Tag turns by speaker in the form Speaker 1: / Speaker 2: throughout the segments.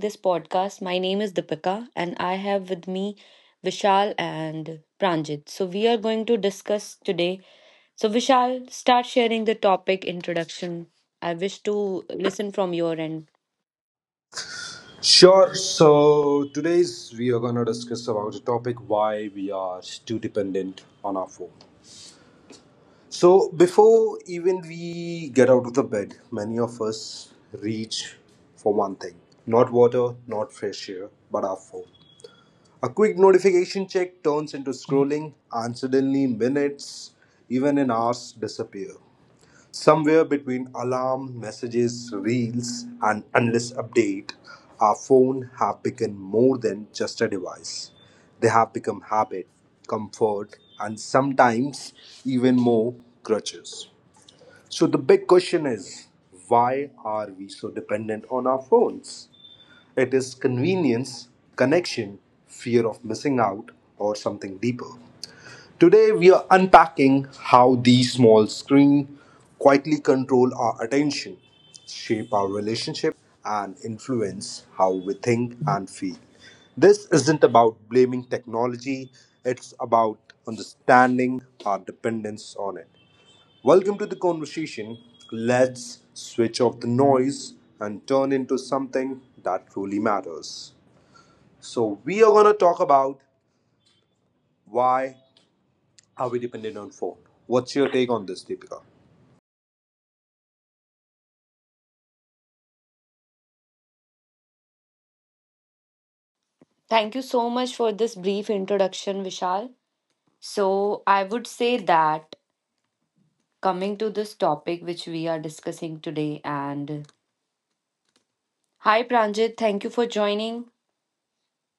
Speaker 1: this podcast. My name is Deepika, and I have with me Vishal and Pranjit. So we are going to discuss today. So, Vishal, start sharing the topic introduction. I wish to listen from your end.
Speaker 2: Sure. So today's we are gonna discuss about the topic: why we are too dependent on our phone. So before even we get out of the bed, many of us reach for one thing: not water, not fresh air, but our phone. A quick notification check turns into scrolling, and suddenly minutes, even in hours, disappear. Somewhere between alarm, messages, reels, and endless update, our phone have become more than just a device. They have become habit, comfort, and sometimes even more crutches. So the big question is, why are we so dependent on our phones? It is convenience, connection, fear of missing out, or something deeper? Today, we are unpacking how these small screens quietly control our attention, shape our relationship, and influence how we think and feel. This isn't about blaming technology, it's about understanding our dependence on it. Welcome to the conversation. Let's switch off the noise and turn into something that truly matters. So, we are going to talk about why are we dependent on phone? What's your take on this, Deepika?
Speaker 1: Thank you so much for this brief introduction, Vishal. So I would say that coming to this topic which we are discussing today, and hi, Pranjit, thank you for joining.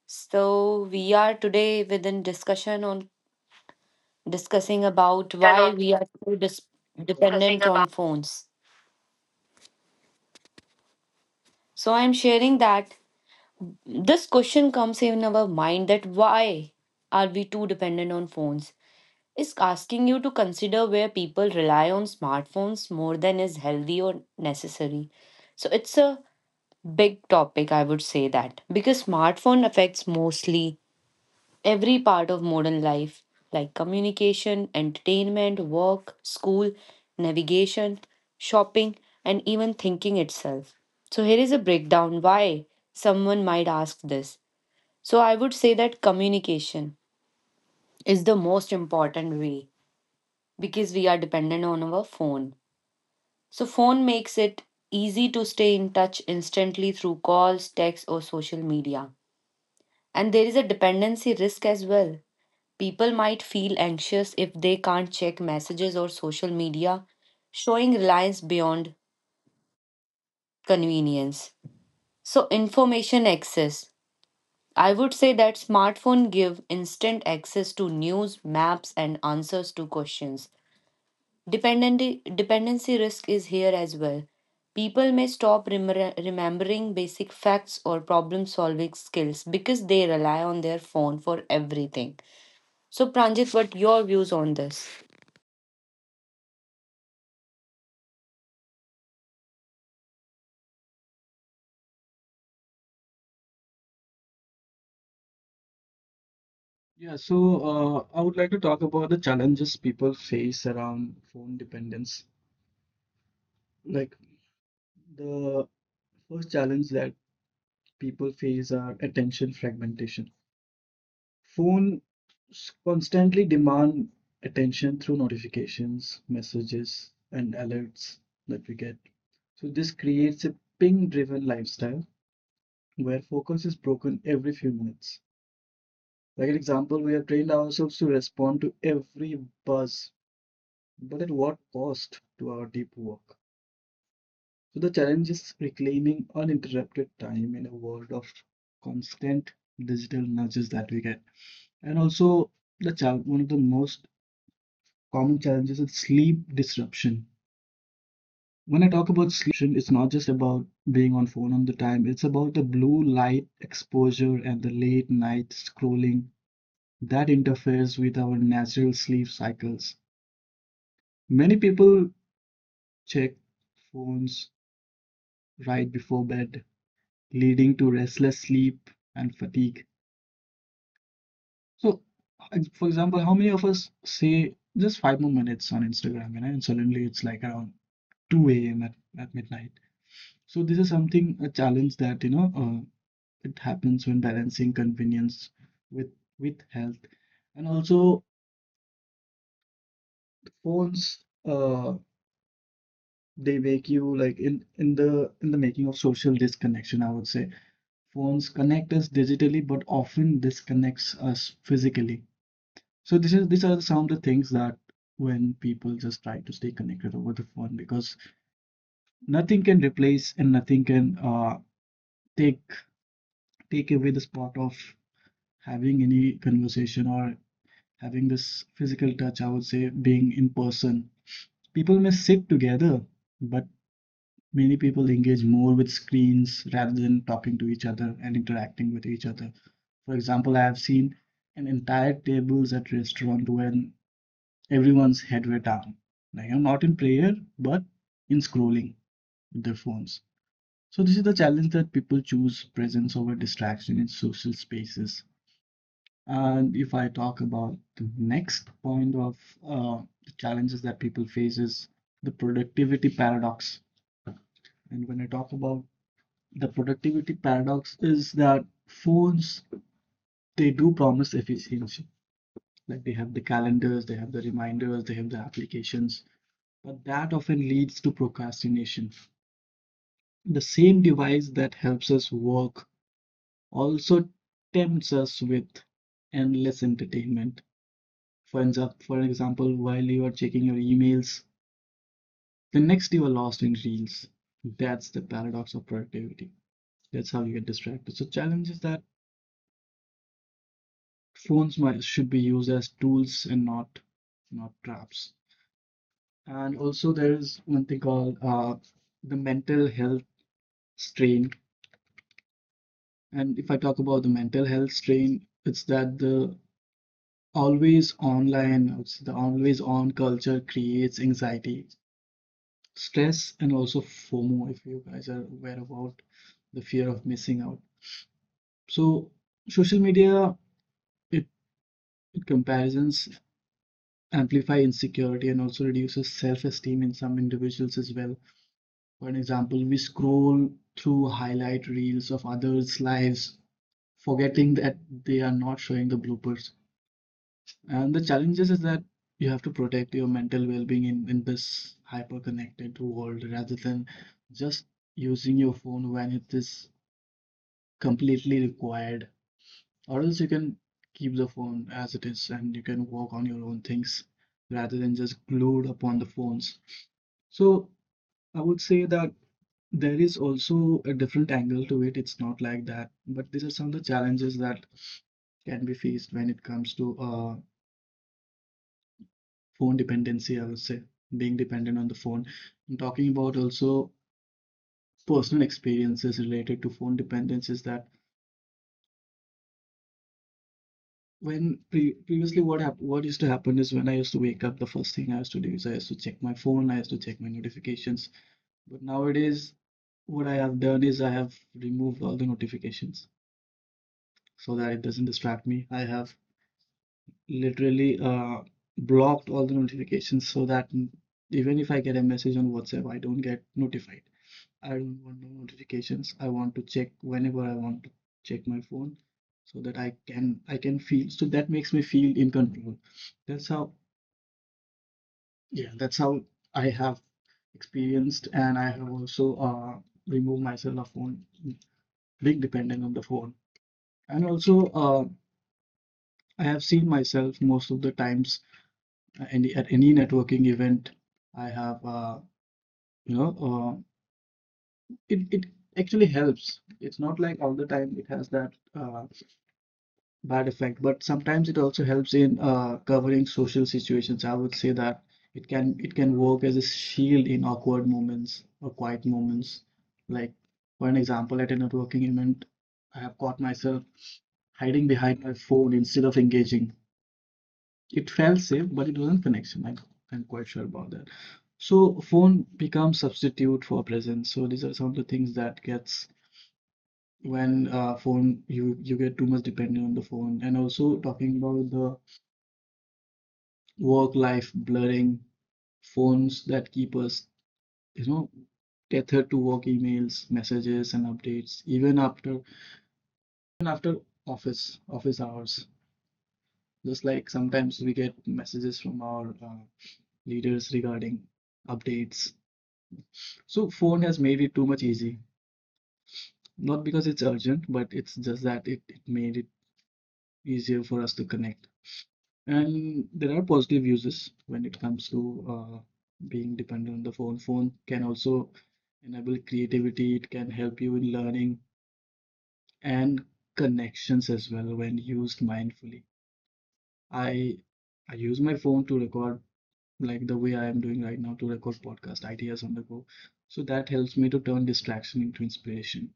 Speaker 1: So we are today within discussion on discussing about
Speaker 3: Turn
Speaker 1: why
Speaker 3: on
Speaker 1: we are so dis-
Speaker 3: discussing
Speaker 1: dependent
Speaker 3: about
Speaker 1: on phones. So I'm sharing that this question comes in our mind that why are we too dependent on phones? Is asking you to consider where people rely on smartphones more than is healthy or necessary. So it's a big topic, I would say, that because smartphone affects mostly every part of modern life, like communication, entertainment, work, school, navigation, shopping, and even thinking itself. So here is a breakdown why someone might ask this. So I would say that communication is the most important way because we are dependent on our phone. So phone makes it easy to stay in touch instantly through calls, texts, or social media. And there is a dependency risk as well. People might feel anxious if they can't check messages or social media, showing reliance beyond convenience. So information access. I would say that smartphone give instant access to news, maps, and answers to questions. Dependency risk is here as well. People may stop remembering basic facts or problem solving skills because they rely on their phone for everything. So Pranjit, what your views on this?
Speaker 3: Yeah, so I would like to talk about the challenges people face around phone dependence. Like, the first challenge that people face are attention fragmentation. Phones constantly demand attention through notifications, messages, and alerts that we get. So this creates a ping-driven lifestyle where focus is broken every few minutes. Like an example, we have trained ourselves to respond to every buzz, but at what cost to our deep work? So the challenge is reclaiming uninterrupted time in a world of constant digital nudges that we get. And also, one of the most common challenges is sleep disruption. When I talk about sleep, it's not just about being on phone all the time, it's about the blue light exposure and the late night scrolling that interferes with our natural sleep cycles. Many people check phones right before bed, leading to restless sleep and fatigue. So, for example, how many of us say just five more minutes on Instagram, you know, and suddenly it's like around 2 a.m. At midnight. So, this is something, a challenge that, it happens when balancing convenience with with health. And also, phones, uh, they wake you like in the making of social disconnection, I would say. Phones connect us digitally, but often disconnects us physically. So this is, these are some of the things that when people just try to stay connected over the phone, because nothing can replace and nothing can take away the spot of having any conversation or having this physical touch. I would say, being in person. People may sit together, but many people engage more with screens rather than talking to each other and interacting with each other. For example, I have seen an entire tables at restaurant when everyone's head were down. Like, I'm not in prayer, but in scrolling with their phones. So this is the challenge, that people choose presence over distraction in social spaces. And if I talk about the next point of the challenges that people face is the productivity paradox. And when I talk about the productivity paradox is that phones, they do promise efficiency, like they have the calendars, they have the reminders, they have the applications, but that often leads to procrastination. The same device that helps us work also tempts us with endless entertainment. For example, while you are checking your emails, the next you are lost in reels. That's the paradox of productivity. That's how you get distracted. So challenge is that phones might should be used as tools and not traps. And also there is one thing called the mental health strain. And if I talk about the mental health strain, it's that the always online, the always on culture creates anxiety, stress, and also FOMO, if you guys are aware about the fear of missing out. So social media, it, it comparisons amplify insecurity and also reduces self-esteem in some individuals as well. For an example, we scroll through highlight reels of others' lives, forgetting that they are not showing the bloopers. And the challenges is that you have to protect your mental well-being in this hyper-connected world rather than just using your phone when it is completely required. Or else you can keep the phone as it is and you can work on your own things rather than just glued upon the phones. So I would say that there is also a different angle to it. It's not like that, but these are some of the challenges that can be faced when it comes to phone dependency, I would say, being dependent on the phone. I'm talking about also personal experiences related to phone dependencies, that when previously what used to happen is when I used to wake up, the first thing I used to do is I used to check my phone, I used to check my notifications. But nowadays, what I have done is I have removed all the notifications so that it doesn't distract me. I have literally blocked all the notifications so that even if I get a message on WhatsApp, I don't get notified. I don't want no notifications. I want to check whenever I want to check my phone, so that I can feel, so that makes me feel in control. That's how, yeah, that's how I have experienced, and I have also removed myself a phone being dependent on the phone. And also I have seen myself most of the times any at any networking event I have you know uh it actually helps. It's not like all the time it has that uh bad effect, but sometimes it also helps in covering social situations. I would say that it can work as a shield in awkward moments or quiet moments. Like for an example, at a networking event, I have caught myself hiding behind my phone instead of engaging. It felt safe, but it wasn't connection. I'm quite sure about that. So phone becomes substitute for presence. So these are some of the things that gets when phone you get too much dependent on the phone. And also, talking about the work life blurring, phones that keep us, you know, tethered to work emails, messages, and updates, even after office hours. Just like sometimes we get messages from our leaders regarding updates. So phone has made it too much easy. Not because it's urgent, but it's just that it made it easier for us to connect. And there are positive uses when it comes to being dependent on the phone. Phone can also enable creativity, it can help you in learning and connections as well when used mindfully. I I use my phone to record, like the way I am doing right now, to record podcast ideas on the go. So that helps me to turn distraction into inspiration.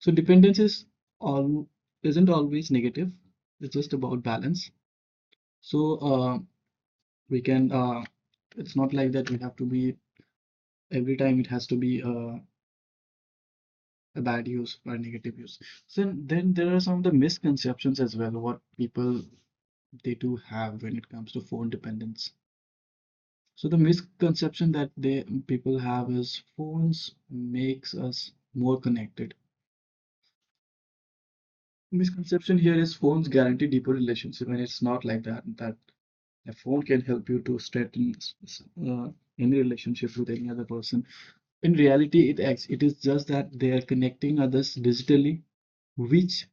Speaker 3: So dependence is all isn't always negative. It's just about balance. So we can, it's not like that we have to be, every time it has to be a bad use or a negative use. So then there are some of the misconceptions as well, what people they do have when it comes to phone dependence. So the misconception that they people have is phones makes us more connected. Misconception here is phones guarantee deeper relationship, and it's not like that, that a phone can help you to strengthen uh, any relationship with any other person. In reality, it acts, it is just that they are connecting others digitally, which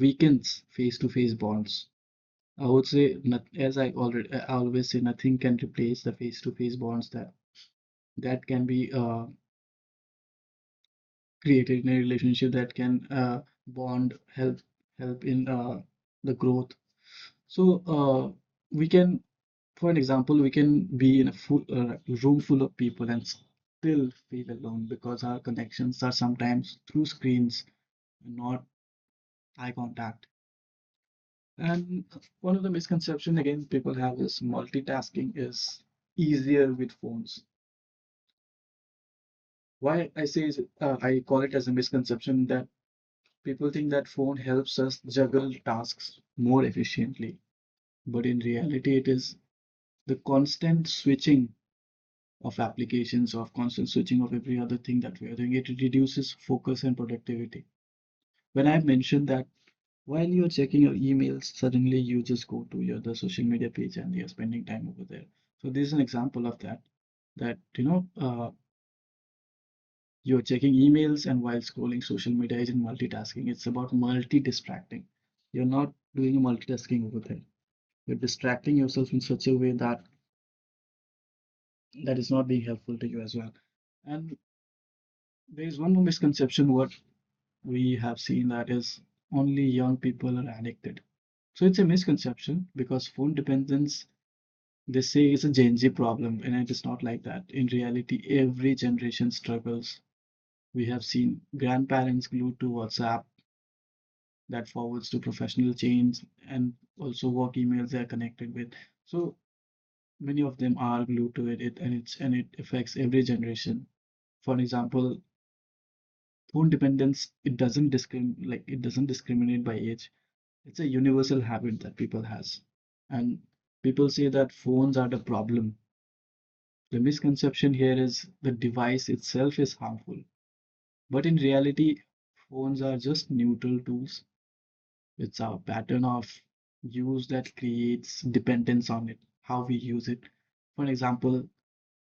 Speaker 3: weakens face-to-face bonds. I would say, not, as I always say, nothing can replace the face-to-face bonds that can be created in a relationship, that can bond, help in the growth. So we can, for an example, we can be in a full room full of people and still feel alone because our connections are sometimes through screens, not eye contact. And one of the misconception again people have is multitasking is easier with phones. Why I say is, I call it as a misconception that people think that phone helps us juggle tasks more efficiently, but in reality it is the constant switching of applications, of constant switching of every other thing that we are doing. It reduces focus and productivity. When I mentioned that, while you're checking your emails, suddenly you just go to your the social media page and you're spending time over there. So this is an example of that. That, you know, you're checking emails and while scrolling social media isn't multitasking. It's about multi-distracting. You're not doing multitasking over there. You're distracting yourself in such a way that that is not being helpful to you as well. And there is one more misconception what we have seen, that is only young people are addicted. So it's a misconception, because phone dependence, they say it's a Gen Z problem, and it is not like that. In reality, every generation struggles. We have seen grandparents glued to WhatsApp, that forwards to professional chains and also work emails they are connected with. So many of them are glued to it, and it's, and it affects every generation. For example, phone dependence, it doesn't discrim like it doesn't discriminate by age. It's a universal habit that people has. And people say that phones are the problem. The misconception here is the device itself is harmful, but in reality, phones are just neutral tools. It's our pattern of use that creates dependence on it, how we use it. For example,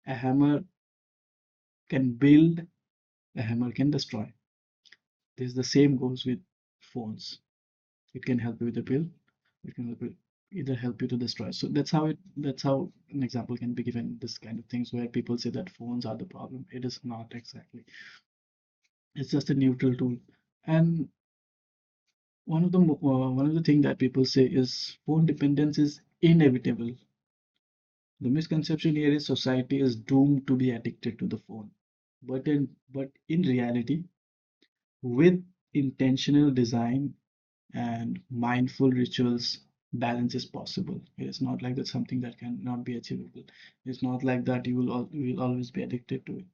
Speaker 3: a hammer can build, a hammer can destroy. This is the same goes with phones. It can help you with a build, it can help you either help you to destroy. So that's how an example can be given. This kind of things where people say that phones are the problem. It is not exactly. It's just a neutral tool. And one of the thing that people say is phone dependence is inevitable. The misconception here is society is doomed to be addicted to the phone. But in reality, with intentional design and mindful rituals, balance is possible. It is not like that's something that cannot be achievable. It's not like that you will always be addicted to it.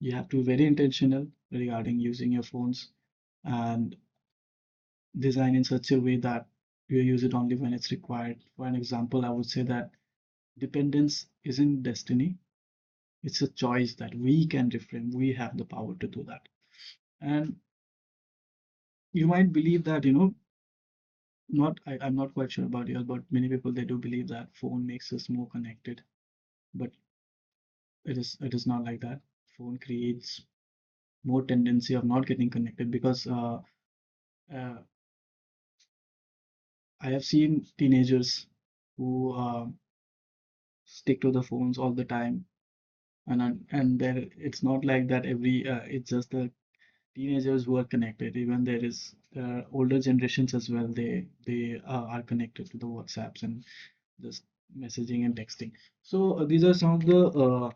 Speaker 3: You have to be very intentional regarding using your phones and design in such a way that you use it only when it's required. For an example, I would say that dependence isn't destiny, it's a choice that we can reframe. We have the power to do that. And you might believe that, not I'm not quite sure about yours, but many people they do believe that phone makes us more connected. But it is not like that. Phone creates more tendency of not getting connected because uh, I have seen teenagers who stick to the phones all the time. And and there, it's not like that every. It's just the teenagers who are connected. Even there is older generations as well. They are connected to the WhatsApps and just messaging and texting. So these are some of the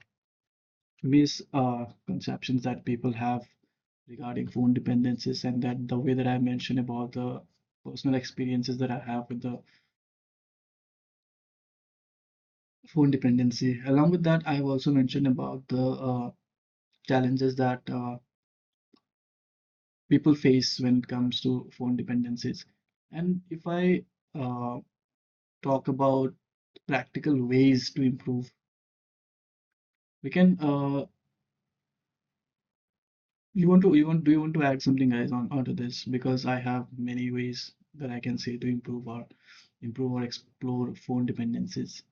Speaker 3: misconceptions that people have regarding phone dependencies, and that the way that I mentioned about the personal experiences that I have with the phone dependency. Along with that, I've also mentioned about the challenges that people face when it comes to phone dependencies. And if I uh, talk about practical ways to improve, we can. You want to you want do you want to add something, guys, on onto this, because I have many ways that I can say to improve or improve or explore phone dependencies.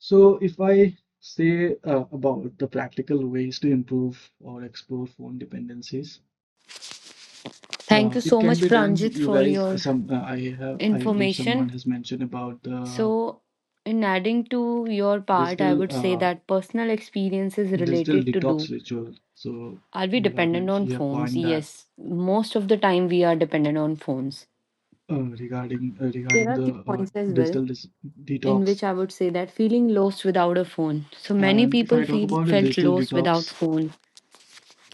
Speaker 3: So if I say about the practical ways to improve or explore phone dependencies,
Speaker 1: Thank you
Speaker 3: it
Speaker 1: so
Speaker 3: can
Speaker 1: much,
Speaker 3: be done.
Speaker 1: Pranjit,
Speaker 3: You
Speaker 1: for
Speaker 3: guys,
Speaker 1: your
Speaker 3: some I believe someone
Speaker 1: information.
Speaker 3: has mentioned about the
Speaker 1: So in adding to your part, I
Speaker 3: Digital
Speaker 1: would say
Speaker 3: uh,
Speaker 1: that personal experience is
Speaker 3: digital
Speaker 1: related to do.
Speaker 3: detox ritual. So
Speaker 1: Are we
Speaker 3: you have
Speaker 1: dependent on
Speaker 3: mentioned, you have
Speaker 1: phones?
Speaker 3: coined that
Speaker 1: Yes. Most of the time, we are dependent on phones.
Speaker 3: regarding
Speaker 1: There are
Speaker 3: the
Speaker 1: few points as well
Speaker 3: digital dis
Speaker 1: in which
Speaker 3: detox.
Speaker 1: I would say that feeling lost without a phone. So many
Speaker 3: And if
Speaker 1: people
Speaker 3: I talk
Speaker 1: feel
Speaker 3: about a
Speaker 1: felt
Speaker 3: digital
Speaker 1: lost without
Speaker 3: detox,
Speaker 1: phone.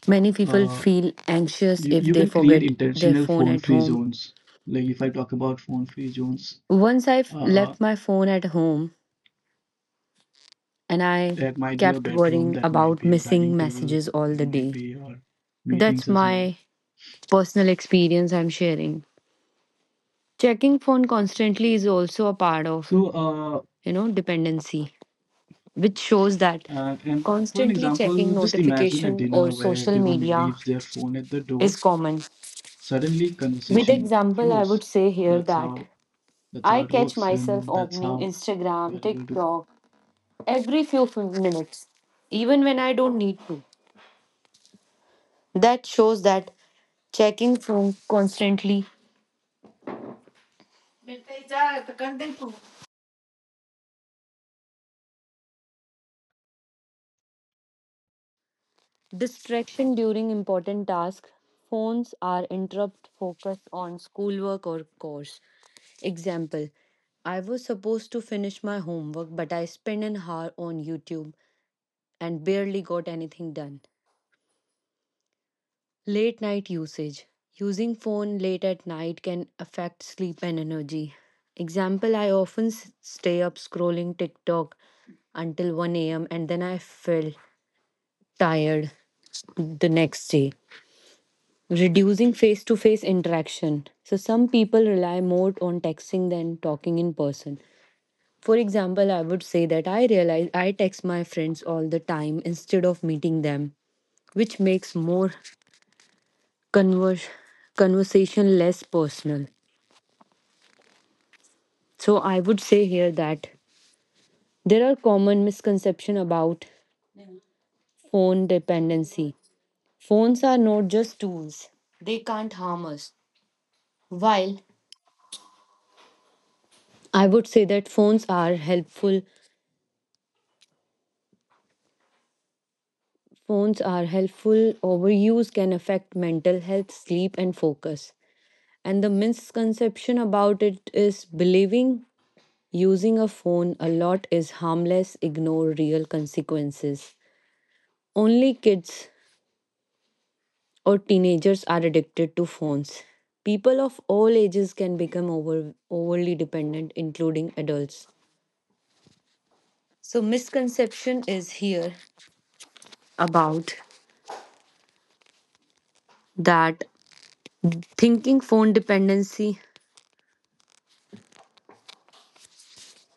Speaker 1: Many people
Speaker 3: uh,
Speaker 1: feel anxious
Speaker 3: you
Speaker 1: if
Speaker 3: you
Speaker 1: they
Speaker 3: can create
Speaker 1: forget their
Speaker 3: intentional
Speaker 1: phone at
Speaker 3: phone-free
Speaker 1: home.
Speaker 3: zones. Like if I talk about phone-free zones,
Speaker 1: Once I've
Speaker 3: uh,
Speaker 1: left my phone at home, and I
Speaker 3: that might be your
Speaker 1: kept
Speaker 3: bedroom,
Speaker 1: worrying
Speaker 3: that might
Speaker 1: about
Speaker 3: be your
Speaker 1: missing
Speaker 3: dining table,
Speaker 1: messages all the
Speaker 3: and might
Speaker 1: day.
Speaker 3: be your meetings
Speaker 1: That's
Speaker 3: as well.
Speaker 1: my personal experience I'm sharing. Checking phone constantly is also a part of,
Speaker 3: So,
Speaker 1: dependency, which shows that
Speaker 3: and for an
Speaker 1: constantly checking
Speaker 3: example, just imagine a
Speaker 1: notification or
Speaker 3: dinner where
Speaker 1: social
Speaker 3: everyone
Speaker 1: media
Speaker 3: leaves their phone at the door,
Speaker 1: is common.
Speaker 3: suddenly
Speaker 1: With
Speaker 3: conversation
Speaker 1: example, I
Speaker 3: flows.
Speaker 1: would say here
Speaker 3: That's
Speaker 1: that
Speaker 3: how that's
Speaker 1: I
Speaker 3: how it
Speaker 1: catch
Speaker 3: works,
Speaker 1: myself
Speaker 3: and that's
Speaker 1: opening
Speaker 3: how we
Speaker 1: Instagram,
Speaker 3: are able to.
Speaker 1: TikTok every few minutes, even when I don't need to. That shows that checking phone constantly. Distraction during important tasks. Phones are interrupt focus on schoolwork or course. Example, I was supposed to finish my homework, but I spent an hour on YouTube and barely got anything done. Late night usage. Using phone late at night can affect sleep and energy. Example, I often stay up scrolling TikTok until 1 a.m. and then I feel tired the next day. Reducing face to face interaction. So some people rely more on texting than talking in person. For example, I would say that I realize I text my friends all the time instead of meeting them, which makes more converse, conversation less personal. So I would say here that there are common misconceptions about phone dependency. Phones are not just tools, they can't harm us. While I would say that Phones are helpful, overuse can affect mental health, sleep, and focus. And the misconception about it is believing using a phone a lot is harmless, ignore real consequences. Only kids or teenagers are addicted to phones. People of all ages can become overly dependent, including adults. So misconception is here about that thinking phone dependency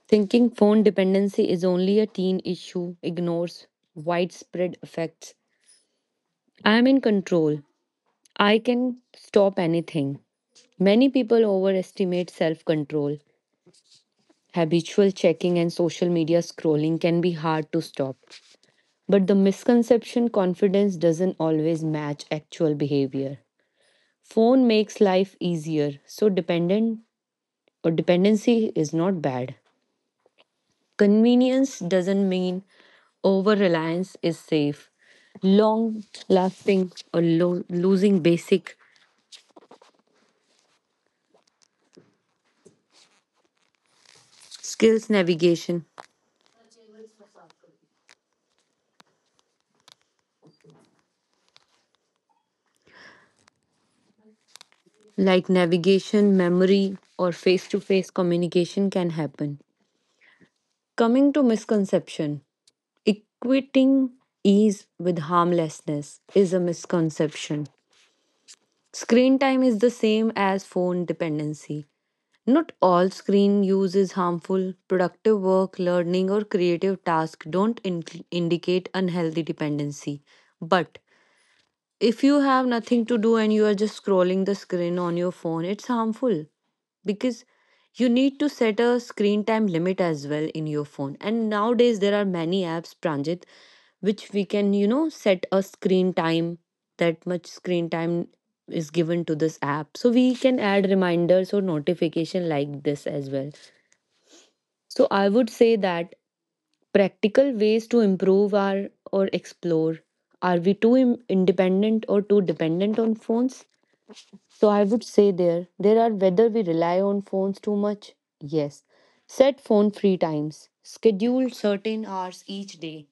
Speaker 1: Thinking phone dependency is only a teen issue ignores widespread effects. I am in control. I can stop anything. Many people overestimate self control. Habitual checking and social media scrolling can be hard to stop. But the misconception confidence doesn't always match actual behavior. Phone makes life easier, so dependent or dependency is not bad. Convenience doesn't mean over reliance is safe. Long lasting or losing basic skills navigation, like navigation, memory, or face to face communication, can happen. Coming to misconception, equating ease with harmlessness is a misconception. Screen time is the same as phone dependency. Not all screen use is harmful. Productive work, learning, or creative tasks don't indicate unhealthy dependency. But if you have nothing to do and you are just scrolling the screen on your phone, it's harmful because you need to set a screen time limit as well in your phone. And nowadays, there are many apps, Pranjit, which we can, you know, set a screen time that much screen time is given to this app. So we can add reminders or notification like this as well. So I would say that practical ways to improve are or explore. Are we too independent or too dependent on phones? So I would say there are whether we rely on phones too much. Yes. Set phone free times. Schedule certain hours each day,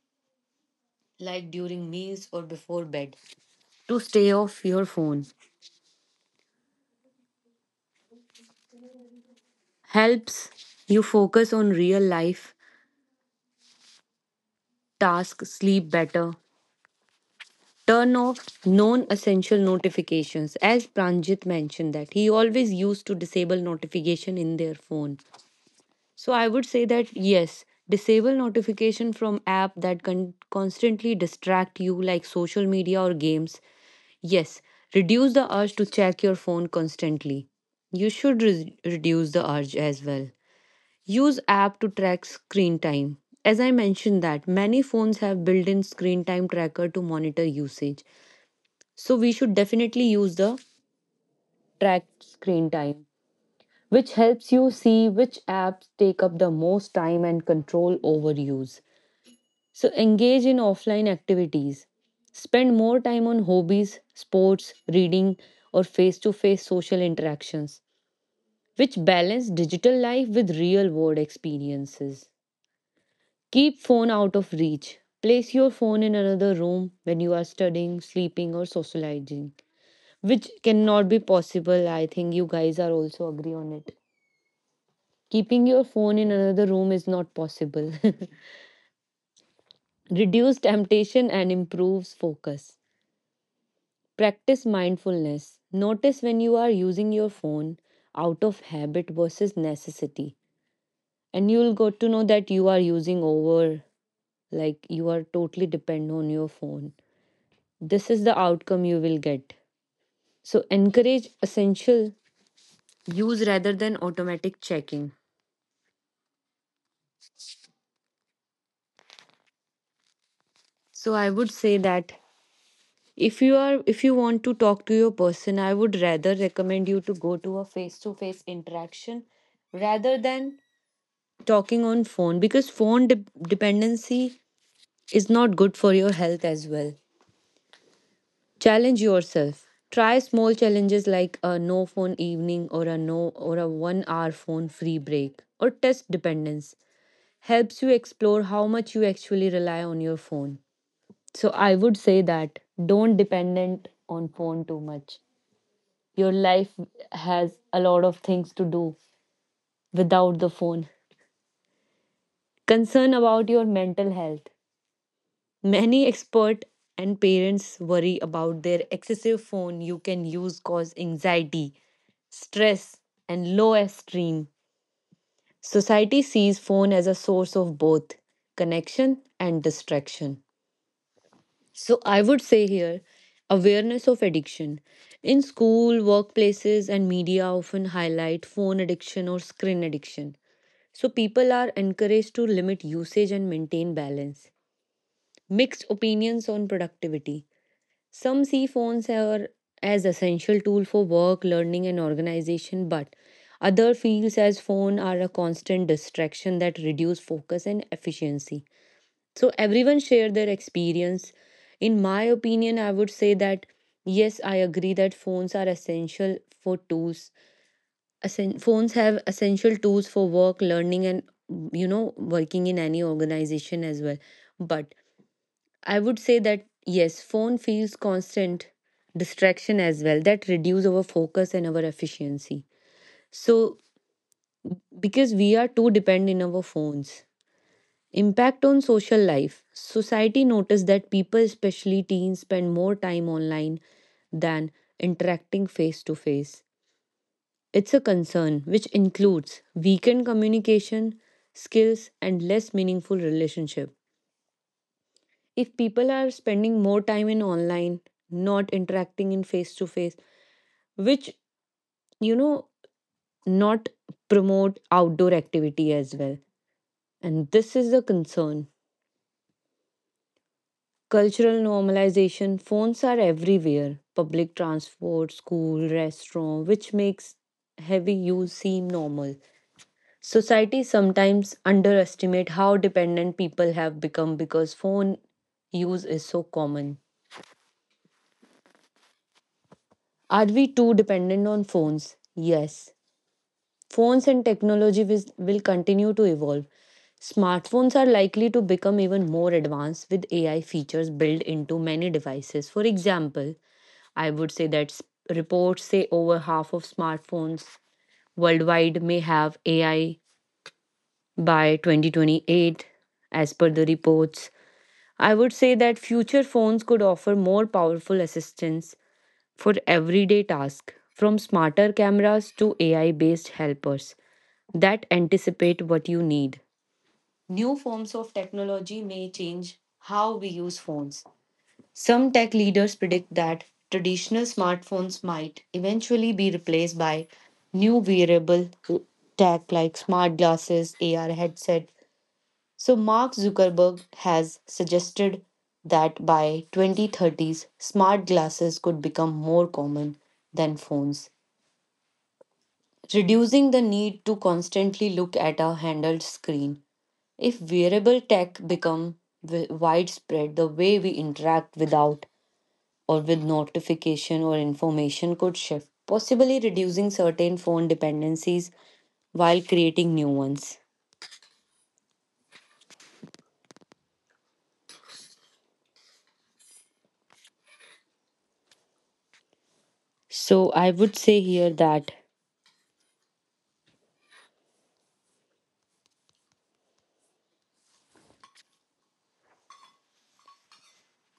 Speaker 1: like during meals or before bed, to stay off your phone. Helps you focus on real life tasks, sleep better, turn off non-essential notifications as Pranjit mentioned that he always used to disable notification in their phone. So I would say that yes, disable notification from app that can constantly distract you like social media or games. Yes, reduce the urge to check your phone constantly. You should reduce the urge as well. Use app to track screen time as I mentioned that many phones have built-in screen time tracker to monitor usage. So we should definitely use the track screen time, which helps you see which apps take up the most time and control overuse. So engage in offline activities. Spend more time on hobbies, sports, reading, or face to face social interactions, which balance digital life with real world experiences. Keep phone out of reach. Place your phone in another room when you are studying, sleeping, or socializing, which cannot be possible. I think you guys are also agree on it. Keeping your phone in another room is not possible. Reduce temptation and improves focus. Practice mindfulness. Notice when you are using your phone out of habit versus necessity. And you'll got to know that you are using over, like you are totally dependent on your phone. This is the outcome you will get. So encourage essential use rather than automatic checking. So I would say that if you are if you want to talk to your person, I would rather recommend you to go to a face to face interaction rather than talking on phone because phone dependency is not good for your health as well. Challenge yourself. Try small challenges like a no phone evening or a no or a 1 hour phone free break or test dependence. Helps you explore how much you actually rely on your phone. So I would say that don't dependent on phone too much. Your life has a lot of things to do without the phone. Concern about your mental health. Many expert and parents worry about their excessive phone you can use cause anxiety, stress and low esteem. Society sees phone as a source of both connection and distraction. So I would say here, awareness of addiction. In school, workplaces, and media often highlight phone addiction or screen addiction. So people are encouraged to limit usage and maintain balance. Mixed opinions on productivity. Some see phones are as essential tool for work, learning and organization, but other feels as phone are a constant distraction that reduce focus and efficiency. So everyone shared their experience. In my opinion, I would say that yes, I agree that phones are essential for tools. Phones have essential tools for work, learning and, you know, working in any organization as well. But I would say that yes, phone feels constant distraction as well that reduce our focus and our efficiency. So because we are too dependent on our phones. Impact on social life. Society noticed that people, especially teens, spend more time online than interacting face to face. It's a concern which includes weakened communication skills and less meaningful relationship. If people are spending more time in online, not interacting in face to face, which you know not promote outdoor activity as well. And this is a concern. Cultural normalization phones are everywhere public transport, school, restaurant, which makes heavy use seem normal. Society sometimes underestimate how dependent people have become because phone use is so common. Are we too dependent on phones? Yes. Phones and technology will continue to evolve. Smartphones are likely to become even more advanced with AI features built into many devices. For example, I would say that reports say over half of smartphones worldwide may have AI by 2028, as per the reports. I would say that future phones could offer more powerful assistance for everyday tasks, from smarter cameras to AI based helpers that anticipate what you need. New forms of technology may change how we use phones. Some tech leaders predict that traditional smartphones might eventually be replaced by new wearable tech like smart glasses, AR headset. So Mark Zuckerberg has suggested that by 2030s smart glasses could become more common than phones, reducing the need to constantly look at a handheld screen. If wearable tech become widespread, the way we interact without or with notification or information could shift, possibly reducing certain phone dependencies while creating new ones. So I would say here that.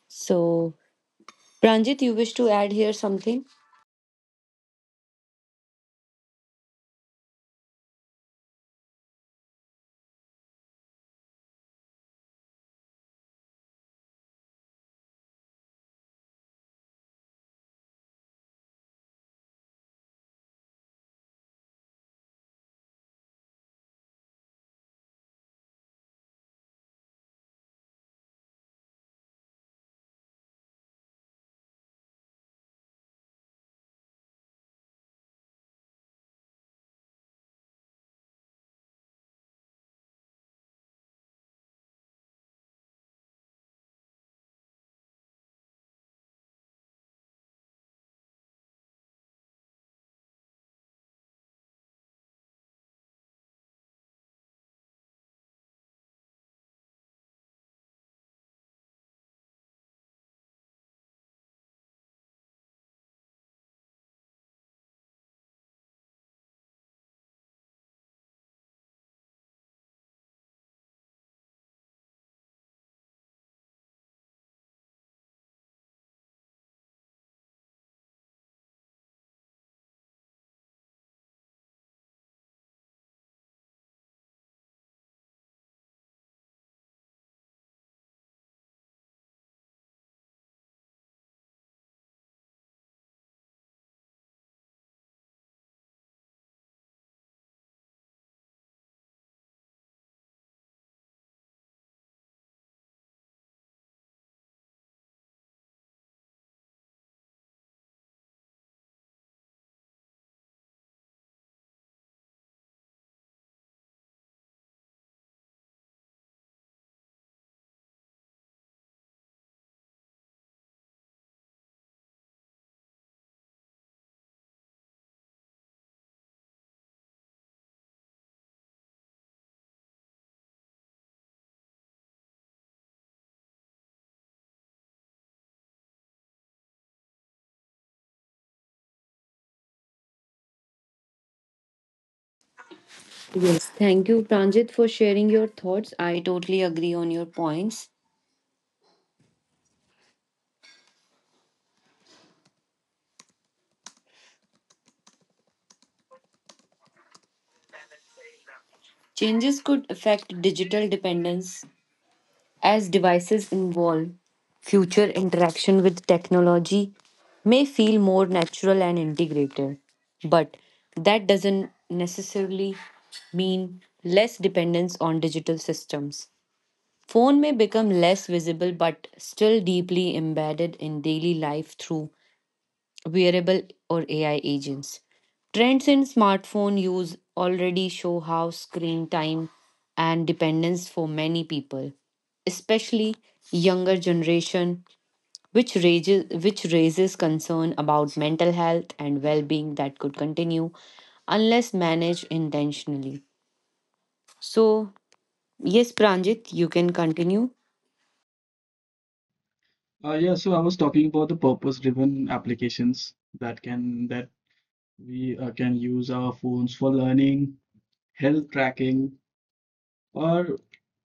Speaker 1: So Pranjit, you wish to add here something? Yes. Thank you, Pranjit, for sharing your thoughts. I totally agree on your points. Changes could affect digital dependence. As devices evolve, future interaction with technology may feel more natural and integrated, but that doesn't necessarily mean less dependence on digital systems. Phone may become less visible but still deeply embedded in daily life through wearable or AI agents. Trends in smartphone use already show how screen time and dependence for many people, especially younger generation, which raises concern about mental health and well-being that could continue unless managed intentionally. So yes, Pranjit, you can continue.
Speaker 3: Yeah, so I was talking about the purpose-driven applications that we can use our phones for learning, health tracking, or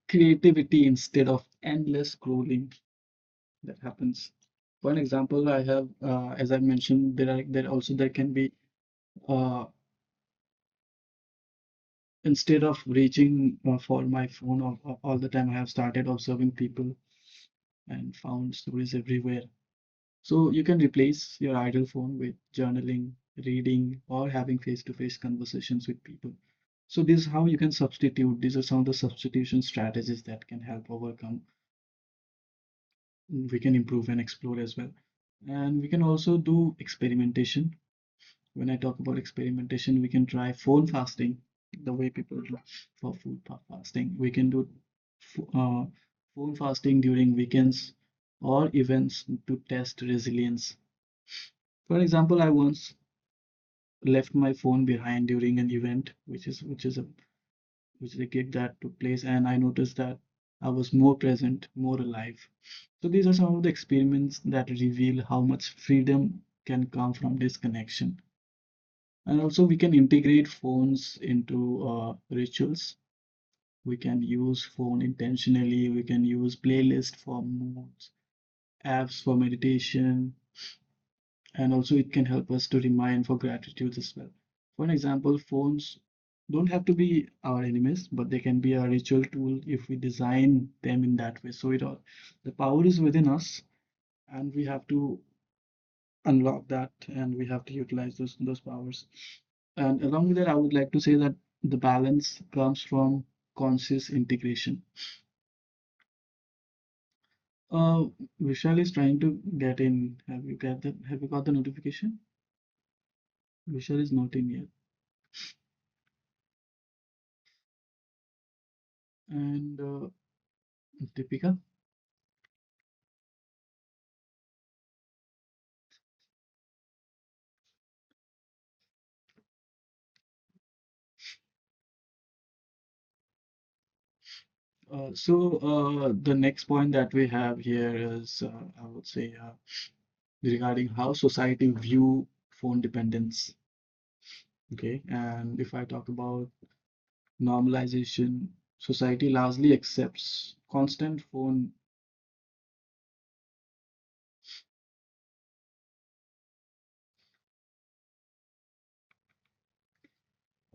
Speaker 3: creativity instead of endless scrolling that happens. For an example, I have, as I mentioned, there are there also there can be uh, instead of reaching for my phone all the time, I have started observing people and found stories everywhere. So you can replace your idle phone with journaling, reading, or having face-to-face conversations with people. So this is how you can substitute. These are some of the substitution strategies that can help overcome. We can improve and explore as well. And we can also do experimentation. When I talk about experimentation, we can try phone fasting, the way people do for food fasting. We can do uh, phone fasting during weekends or events to test resilience. For example, I once left my phone behind during an event, which is a gig that took place, and I noticed that I was more present, more alive. So these are some of the experiments that reveal how much freedom can come from disconnection. And also we can integrate phones into rituals. We can use phone intentionally. We can use playlist for moods, apps for meditation, and also it can help us to remind for gratitude as well. For an example, phones don't have to be our enemies, but they can be a ritual tool if we design them in that way. So it, all the power is within us, and we have to unlock that, and we have to utilize those powers. And along with that, I would like to say that the balance comes from conscious integration. Uh, Vishal is trying to get in. Have you got that? Have you got the notification? Vishal is not in yet. And Deepika. The next point that we have here is, I would say, regarding how society view phone dependence. Okay, and if I talk about normalization, society largely accepts constant phone.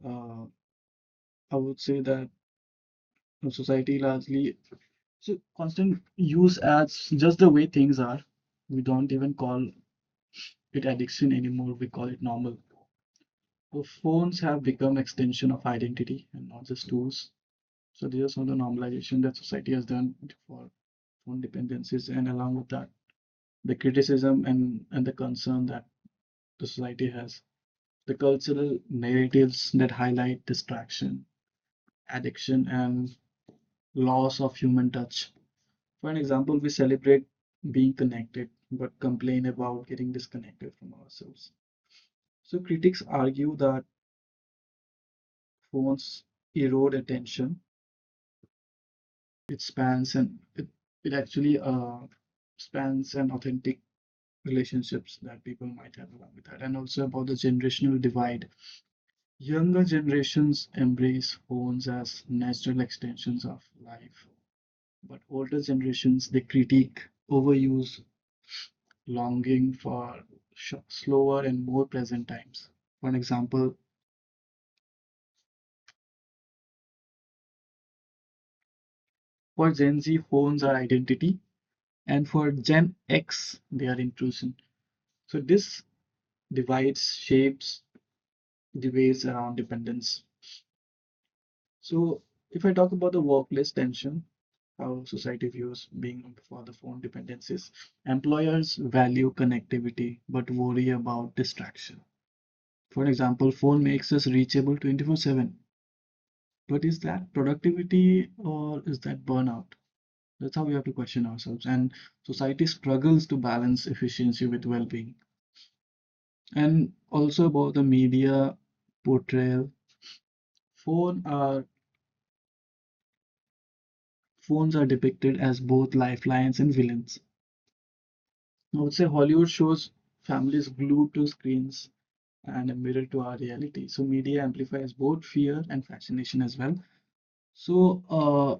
Speaker 3: Uh, I would say that society largely so constant use as just the way things are. We don't even call it addiction anymore. We call it normal. So phones have become extension of identity and not just tools. So these are some of the normalization that society has done for phone dependencies, and along with that, the criticism and the concern that the society has, the cultural narratives that highlight distraction, addiction, and loss of human touch. For an example, we celebrate being connected but complain about getting disconnected from ourselves. So critics argue that phones erode attention, it spans, and it actually spans an authentic relationships that people might have, along with that, and also about the generational divide. Younger generations embrace phones as natural extensions of life, but older generations they critique overuse, longing for slower and more present times. For example, for Gen Z, phones are identity, and for Gen X, they are intrusion. So this divides shapes the ways around dependence. So, if I talk about the workplace tension, how society views being for the phone dependencies, employers value connectivity but worry about distraction. For example, phone makes us reachable 24/7. But is that productivity, or is that burnout? That's how we have to question ourselves. And society struggles to balance efficiency with well-being. And also about the media portrayal, phone are phones are depicted as both lifelines and villains. I would say Hollywood shows families glued to screens and a mirror to our reality. So media amplifies both fear and fascination as well. So,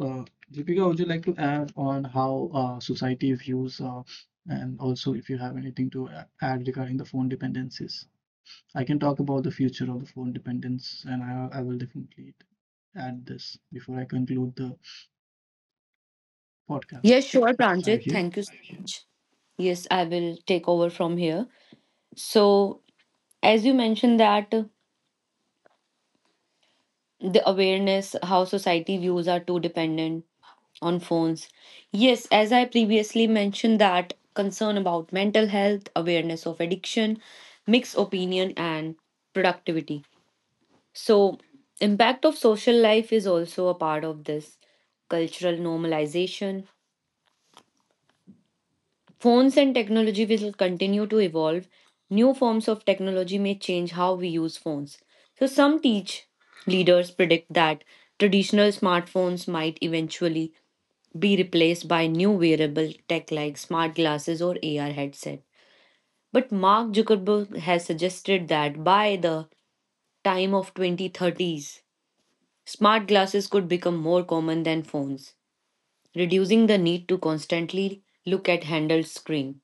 Speaker 3: uh, Deepika, would you like to add on how society views, and also if you have anything to add regarding the phone dependencies? I can talk about the future of the phone dependence, and I will definitely add this before I conclude the podcast.
Speaker 1: Yes, sure,
Speaker 3: Are you
Speaker 1: Pranjit.
Speaker 3: here?
Speaker 1: Thank you so much. Yes, I will take over from here. So as you mentioned that. The awareness how society views are too dependent on phones. Yes, as I previously mentioned, that concern about mental health, awareness of addiction, mixed opinion, and productivity. So, impact of social life is also a part of this cultural normalization. Phones and technology will continue to evolve. New forms of technology may change how we use phones. So, some teach leaders predict that traditional smartphones might eventually be replaced by new wearable tech like smart glasses or AR headset. But Mark Zuckerberg has suggested that by the time of 2030s, smart glasses could become more common than phones, reducing the need to constantly look at handled screen.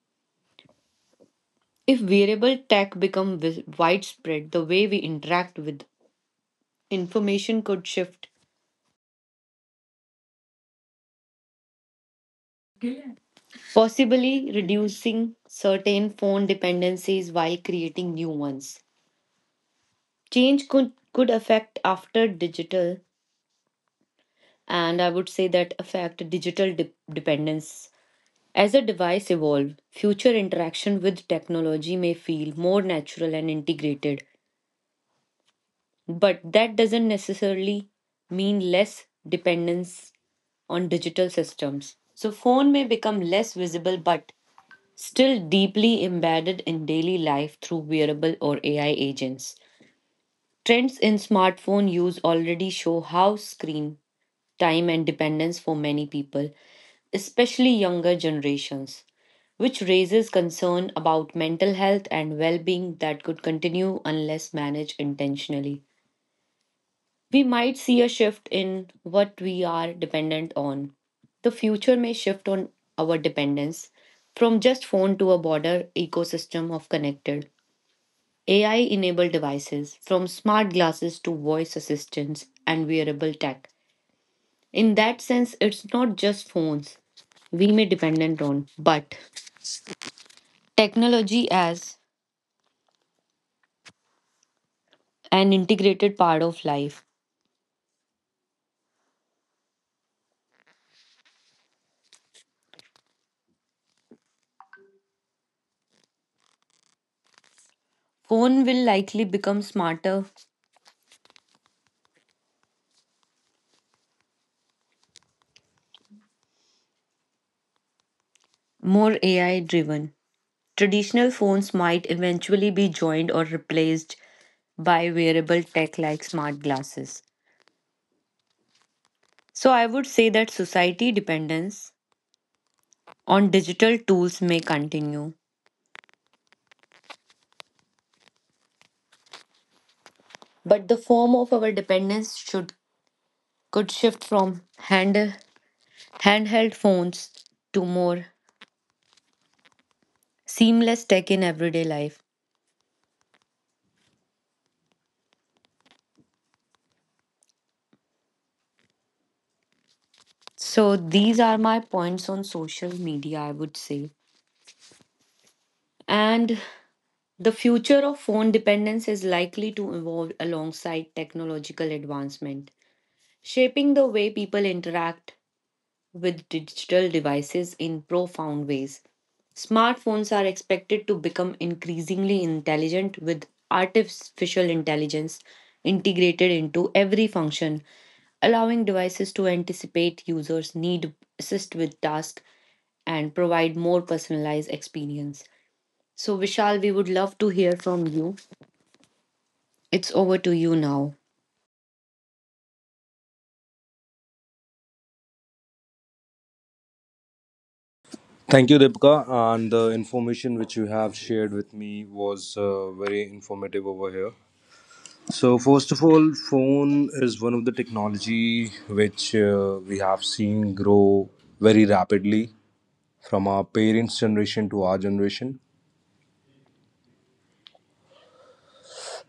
Speaker 1: If wearable tech become widespread, the way we interact with information could shift, possibly reducing certain phone dependencies while creating new ones. Change could affect after digital, and I would say that affect digital dependence. As a device evolve, future interaction with technology may feel more natural and integrated, but that doesn't necessarily mean less dependence on digital systems. So phone may become less visible but still deeply embedded in daily life through wearable or AI agents. Trends in smartphone use already show how screen time and dependence for many people, especially younger generations, which raises concern about mental health and well-being that could continue unless managed intentionally we might see a shift in what we are dependent on. The future may shift on our dependence from just phone to a broader ecosystem of connected AI enabled devices, from smart glasses to voice assistants and wearable tech. In that sense, it's not just phones we may dependent on, but technology as an integrated part of life. Phone will likely become smarter, more AI driven. Traditional phones might eventually be joined or replaced by wearable tech like smart glasses. So I would say that society dependence on digital tools may continue, but the form of our dependence should could shift from hand handheld phones to more seamless tech in everyday life. So these are my points on social media, I would say. And the future of phone dependence is likely to evolve alongside technological advancement, shaping the way people interact with digital devices in profound ways. Smartphones are expected to become increasingly intelligent with artificial intelligence integrated into every function, allowing devices to anticipate users' need, assist with tasks, and provide more personalized experience. So, Vishal, we would love to hear from you. It's over to you now.
Speaker 4: Thank you, Dipika. And the information which you have shared with me was very informative over here. So, first of all, phone is one of the technology which we have seen grow very rapidly from our parents' generation to our generation.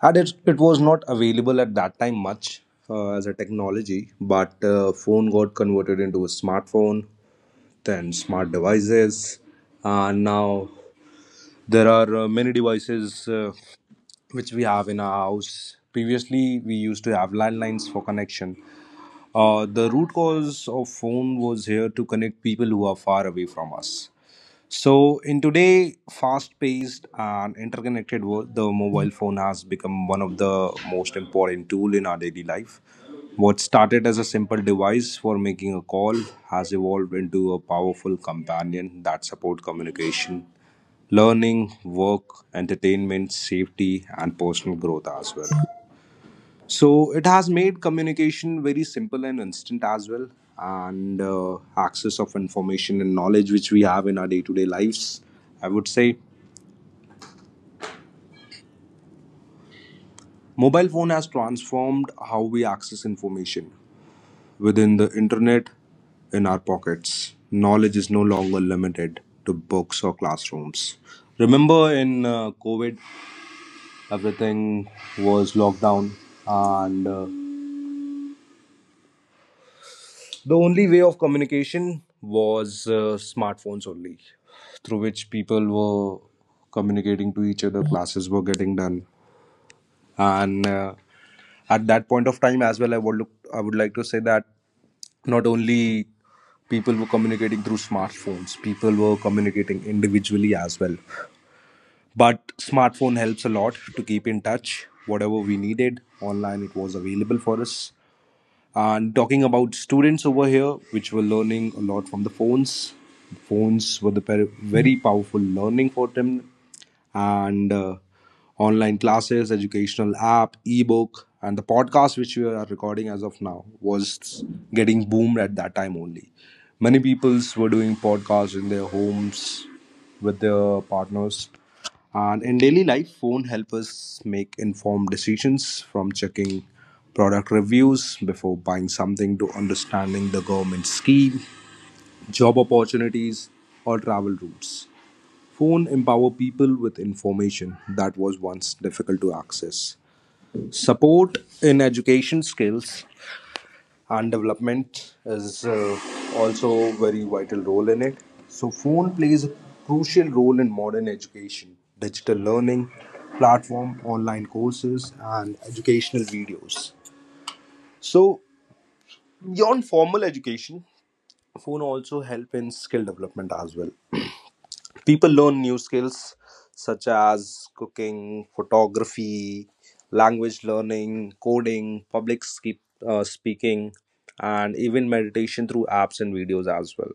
Speaker 4: And it was not available at that time much as a technology, but phone got converted into a smartphone, then smart devices, and now there are many devices which we have in our house. Previously, we used to have landlines for connection. The root cause of phone was here to connect people who are far away from us. So, in today fast-paced and interconnected world, the mobile phone has become one of the most important tool in our daily life. What started as a simple device for making a call has evolved into a powerful companion that support communication learning, work, entertainment, safety, and personal growth as well. So it has made communication very simple and instant as well, and access of information and knowledge which we have in our day to day lives. I would say mobile phone has transformed how we access information within the internet in our pockets. Knowledge is no longer limited to books or classrooms. Remember in COVID. Everything was locked down, and the only way of communication was smartphones only, through which people were communicating to each other. Classes were getting done, and at that point of time as well, I would like to say that not only people were communicating through smartphones, people were communicating individually as well, but smartphone helps a lot to keep in touch whatever we needed online, it was available for us. And talking about students over here, which were learning a lot from the phones. Phones were the very powerful learning for them, and online classes, educational app, ebook, and the podcast which we are recording as of now was getting boomed at that time only. Many peoples were doing podcasts in their homes with their partners. And in daily life, phone help us make informed decisions from checking product reviews before buying something to understanding the government scheme, job opportunities, or travel routes. Phone empower people with information that was once difficult to access. Support in education skills and development is also very vital role in it. So phone plays a crucial role in modern education, digital learning, platform, online courses and educational videos. So beyond formal education, phone also help in skill development as well. People learn new skills such as cooking, photography, language learning, coding, public speaking, and even meditation through apps and videos as well.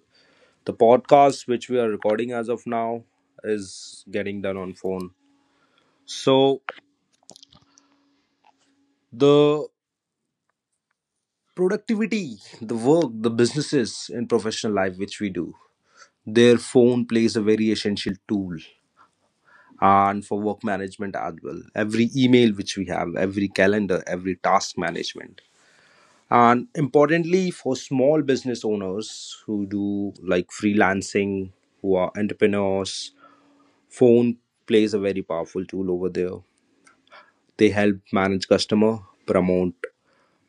Speaker 4: The podcast which we are recording as of now is getting done on phone. So the productivity, the work, the businesses in professional life which we do, their phone plays a very essential tool and for work management as well. Every email which we have, every calendar, every task management. And importantly, for small business owners who do like freelancing, who are entrepreneurs, phone plays a very powerful tool over there. They help manage customer, promote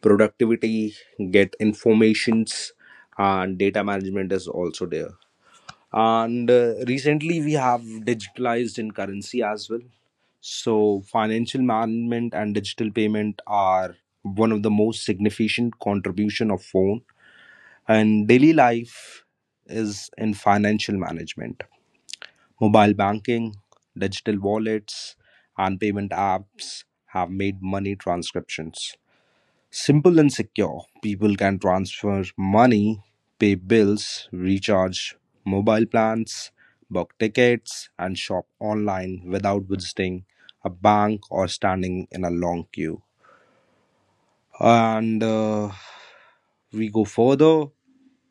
Speaker 4: productivity, get informations, and data management is also there. And recently, we have digitalized in currency as well. So, financial management and digital payment are one of the most significant contribution of phone and daily life is in financial management. Mobile banking, digital wallets, and payment apps have made money transcriptions simple and secure, people can transfer money, pay bills, recharge mobile plans, book tickets, and shop online without visiting a bank or standing in a long queue. And we go further,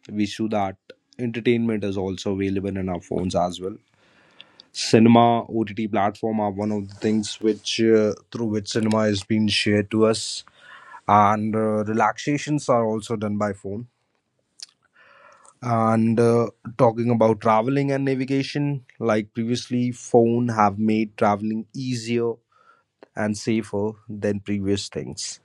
Speaker 4: we show that entertainment is also available in our phones as well. Cinema, OTT platform are one of the things which through which cinema is being shared to us, and relaxations are also done by phone, and talking about traveling and navigation, like previously phone have made traveling easier and safer than previous things,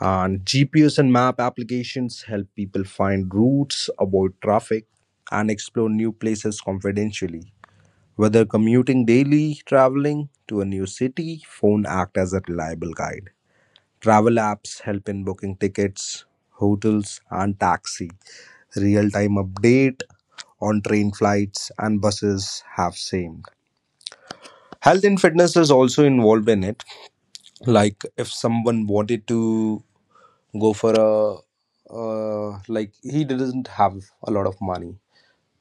Speaker 4: and GPS and map applications help people find routes, avoid traffic, and explore new places confidentially, whether commuting daily, traveling to a new city, phone act as a reliable guide. Travel apps help in booking tickets, hotels, and taxi. Real time update on train flights and buses have same. Health and fitness is also involved in it. Like if someone wanted to go for a like he doesn't have a lot of money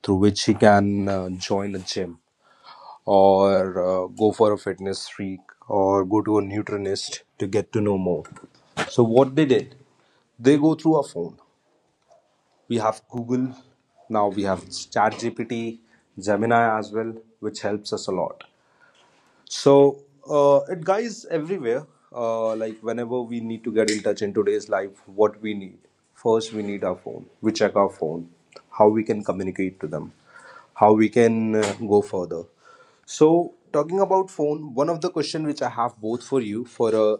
Speaker 4: through which he can join a gym or go for a fitness freak or go to a nutritionist to get to know more. So what they did, they go through a phone. We have Google, now we have ChatGPT, Gemini as well, which helps us a lot. So it guys everywhere, like whenever we need to get in touch in today's life, what we need first, we need our phone. We check our phone, how we can communicate to them, how we can go further. So talking about phone, one of the question which I have both for you for a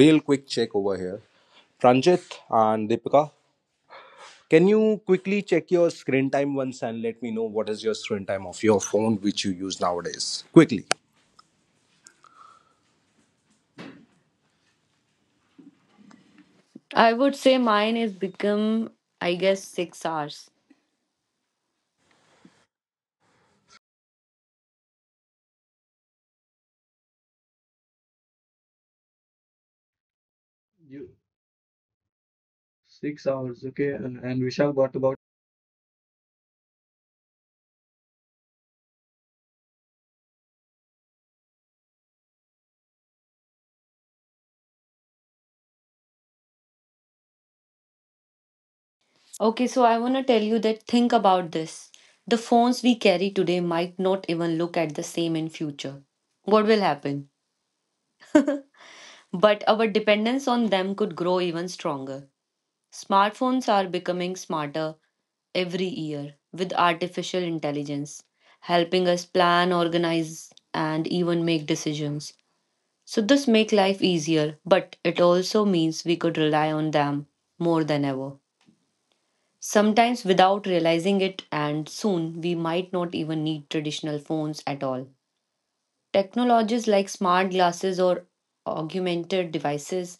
Speaker 4: real quick check over here, Pranjit and Deepika, can you quickly check your screen time once and let me know what is your screen time of your phone which you use nowadays? Quickly.
Speaker 1: I would say mine is become, I guess, 6 hours.
Speaker 3: You 6 hours, okay. And Vishal got about
Speaker 1: Okay, so I want to tell you that think about this. The phones we carry today might not even look at the same in future. What will happen? But our dependence on them could grow even stronger. Smartphones are becoming smarter every year with artificial intelligence, helping us plan, organize, and even make decisions. So this make life easier, but it also means we could rely on them more than ever. Sometimes without realizing it and soon we might not even need traditional phones at all. Technologies like smart glasses or augmented devices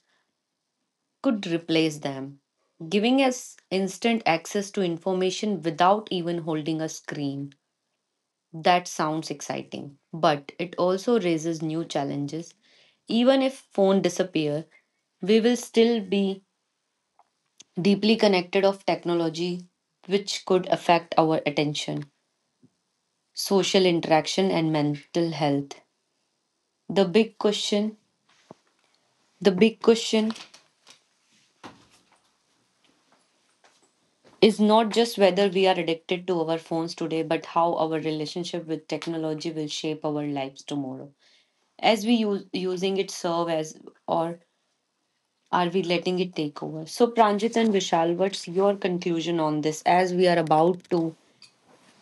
Speaker 1: could replace them, giving us instant access to information without even holding a screen. That sounds exciting, but it also raises new challenges. Even if phone disappear, we will still be deeply connected of technology which could affect our attention, social interaction and mental health. The big question, the big question is not just whether we are addicted to our phones today but how our relationship with technology will shape our lives tomorrow as we use using it serve as or are we letting it take over? So, Pranjit and Vishal, what's your conclusion on this as we are about to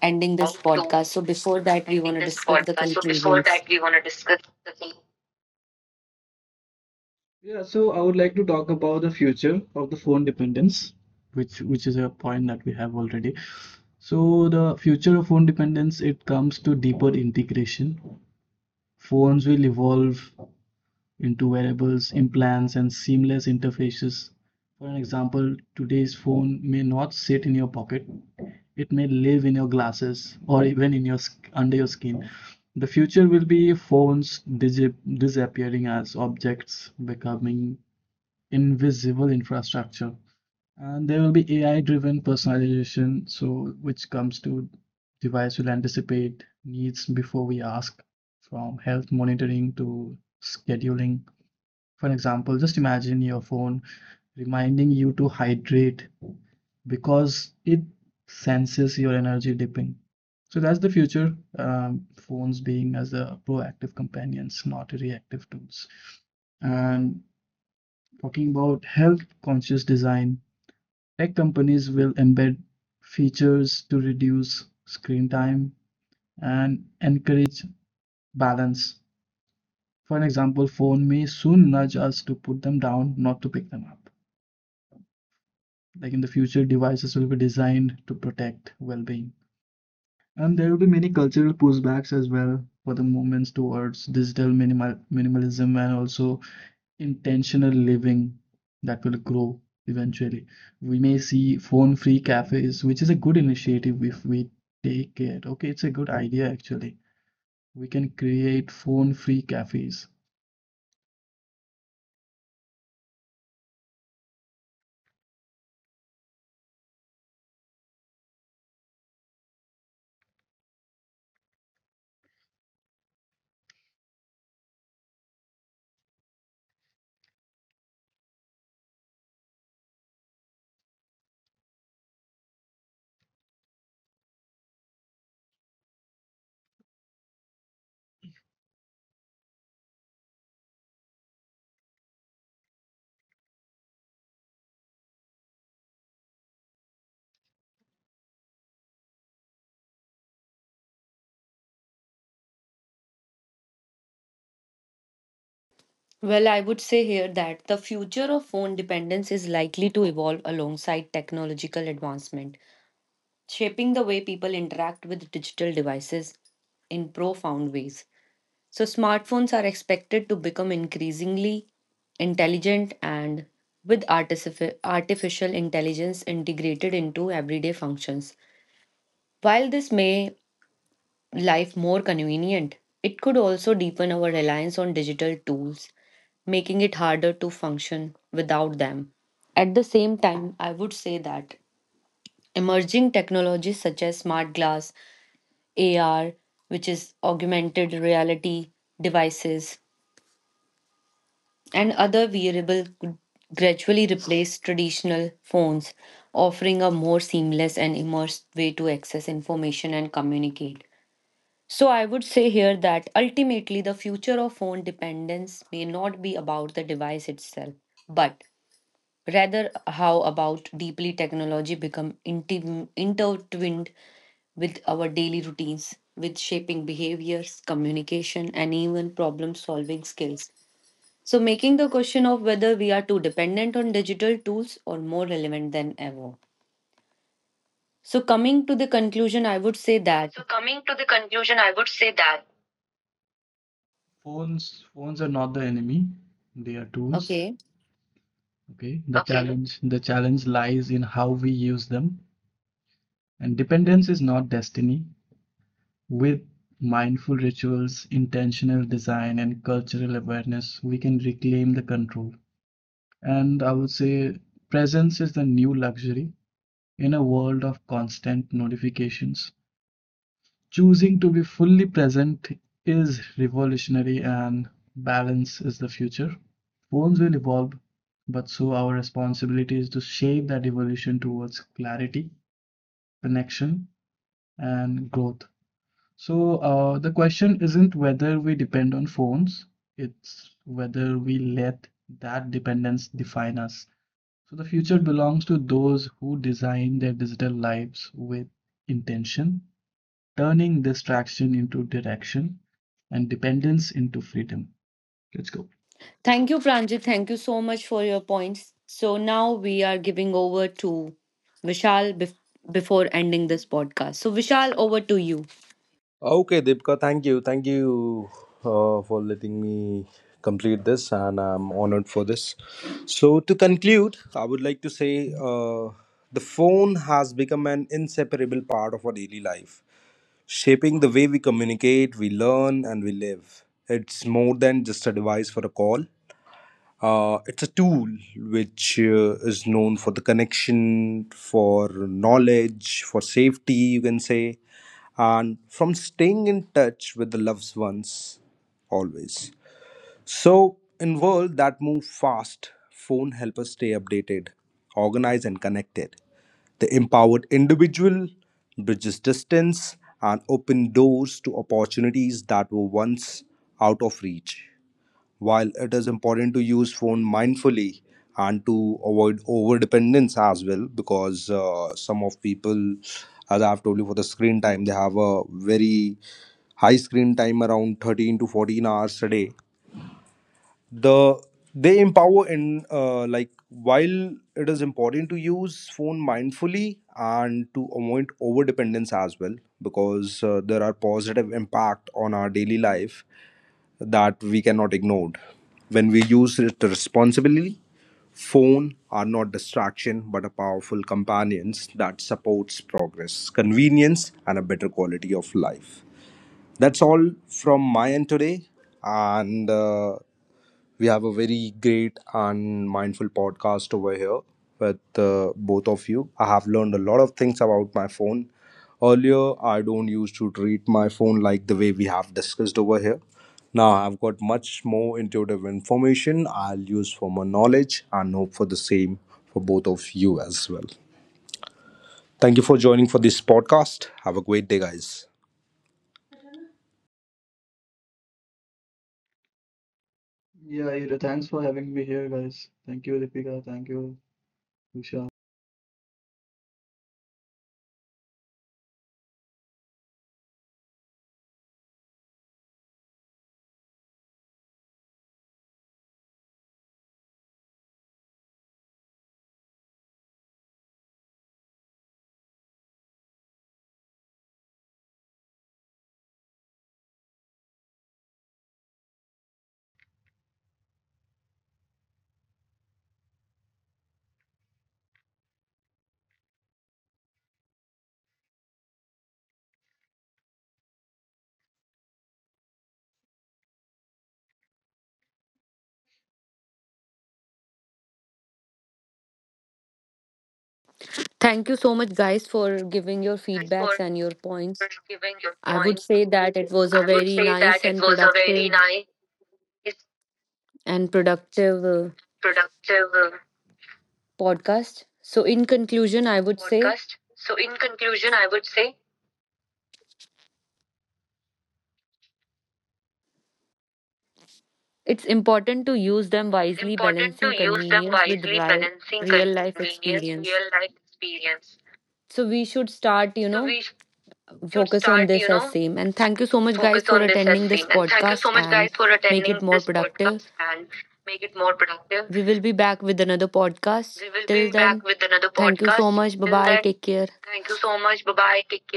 Speaker 1: ending this
Speaker 3: to
Speaker 1: podcast? So, before that, we
Speaker 3: ending
Speaker 1: want to
Speaker 3: this
Speaker 1: discuss the
Speaker 3: podcast. So before
Speaker 1: conclusions.
Speaker 3: that, we want to discuss the thing. Yeah. So I would like to talk about the future of the phone dependence, which is a point that we have already. So the future of phone dependence, it comes to deeper integration. Phones will evolve into variables, implants, and seamless interfaces. For an example, today's phone may not sit in your pocket. It may live in your glasses or even in your, under your skin. The future will be phones disappearing as objects, becoming invisible infrastructure. And there will be AI-driven personalization, so which comes to device will anticipate needs before we ask, from health monitoring to scheduling. For example, just imagine your phone reminding you to hydrate because it senses your energy dipping. So that's the future, phones being as a proactive companions, not reactive tools. And talking about health conscious design, tech companies will embed features to reduce screen time and encourage balance. For an example, phone may soon nudge us to put them down, not to pick them up. Like in the future, devices will be designed to protect well-being. And there will be many cultural pushbacks as well for the movements towards digital minimalism and also intentional living that will grow eventually. We may see phone-free cafes, which is a good initiative if we take it. Okay, it's a good idea actually. We can create phone-free cafes.
Speaker 1: Well, I would say here that the future of phone dependence is likely to evolve alongside technological advancement, shaping the way people interact with digital devices in profound ways. So, smartphones are expected to become increasingly intelligent and with artificial intelligence integrated into everyday functions. While this may life more convenient, it could also deepen our reliance on digital tools, making it harder to function without them. At the same time, I would say that emerging technologies such as smart glass, AR, which is augmented reality devices, and other wearable could gradually replace traditional phones, offering a more seamless and immersed way to access information and communicate. So, I would say here that ultimately the future of phone dependence may not be about the device itself, but rather how about deeply technology become intertwined with our daily routines, with shaping behaviors, communication, and even problem solving skills. So, making the question of whether we are too dependent on digital tools or more relevant than ever. So, coming to the conclusion, I would say that,
Speaker 3: So, coming to the conclusion, I would say that phones are not the enemy, they are tools.
Speaker 1: okay,
Speaker 3: Okay. the Okay. challenge the challenge lies in how we use them, and dependence is not destiny. With mindful rituals, intentional design, and cultural awareness, we can reclaim the control. And I would say presence is the new luxury. In a world of constant notifications, choosing to be fully present is revolutionary, and balance is the future. Phones will evolve, but so our responsibility is to shape that evolution towards clarity, connection, and growth. So, the question isn't whether we depend on phones, it's whether we let that dependence define us. So, the future belongs to those who design their digital lives with intention, turning distraction into direction and dependence into freedom. Let's go.
Speaker 1: thank you, Pranjit. Thank you so much for your points. So, now we are giving over to Vishal before ending this podcast. So, Vishal, over to you.
Speaker 4: Okay, Deepika, thank you. Thank you for letting me complete this, and I'm honored for this. So, to conclude, I would like to say the phone has become an inseparable part of our daily life, shaping the way we communicate, we learn, and we live. It's more than just a device for a call. It's a tool which is known for the connection, for knowledge, for safety, you can say, and from staying in touch with the loved ones always. So, in world that move fast, phone help us stay updated, organized, and connected. The empowered individual bridges distance and open doors to opportunities that were once out of reach. While it is important to use phone mindfully and to avoid over dependence as well, because some of people, as I've told you, for the screen time, they have a very high screen time around 13 to 14 hours a day. The they empower in like while it is important to use phone mindfully and to avoid over dependence as well, because there are positive impact on our daily life that we cannot ignore. When we use it responsibly, phone are not distraction but a powerful companions that supports progress, convenience, and a better quality of life. That's all from my end today, and we have a very great and mindful podcast over here with both of you. I have learned a lot of things about my phone. Earlier, I don't used to treat my phone like the way we have discussed over here. Now, I've got much more intuitive information I'll use for my knowledge and hope for the same for both of you as well. Thank you for joining for this podcast. Have a great day, guys.
Speaker 3: Yeah, Ira, thanks for having me here, guys. Thank you, Deepika. Thank you, Usha.
Speaker 1: Thank you so much, guys, for giving your
Speaker 3: Guys,
Speaker 1: feedbacks
Speaker 3: for
Speaker 1: and your points.
Speaker 3: giving your
Speaker 1: I would
Speaker 3: points.
Speaker 1: say that it was a
Speaker 3: I would
Speaker 1: very
Speaker 3: say
Speaker 1: nice
Speaker 3: that it
Speaker 1: and
Speaker 3: was a very
Speaker 1: productive
Speaker 3: nice,
Speaker 1: and productive uh,
Speaker 3: productive
Speaker 1: podcast. So, in conclusion, I would say
Speaker 3: podcast. So, in conclusion, I would say
Speaker 1: it's important to use them
Speaker 3: it's
Speaker 1: wisely,
Speaker 3: important to
Speaker 1: balancing
Speaker 3: use them
Speaker 1: convenience with
Speaker 3: wisely, balancing
Speaker 1: real life
Speaker 3: convenience,
Speaker 1: experience.
Speaker 3: real life experience.
Speaker 1: So we should start,
Speaker 3: So, we should
Speaker 1: focus on
Speaker 3: start,
Speaker 1: this as same. And thank you so much, guys,
Speaker 3: focus
Speaker 1: for
Speaker 3: on this as
Speaker 1: attending this
Speaker 3: same. And thank you
Speaker 1: podcast
Speaker 3: so much,
Speaker 1: and
Speaker 3: guys, for
Speaker 1: make
Speaker 3: attending
Speaker 1: it more
Speaker 3: this
Speaker 1: productive.
Speaker 3: podcast and make it more productive.
Speaker 1: We will be back with another podcast.
Speaker 3: We will
Speaker 1: Till
Speaker 3: be back
Speaker 1: then,
Speaker 3: with another
Speaker 1: thank you so
Speaker 3: podcast.
Speaker 1: much. Bye
Speaker 3: Till
Speaker 1: bye.
Speaker 3: then,
Speaker 1: Take care.
Speaker 3: thank you so much. Bye bye. Take care.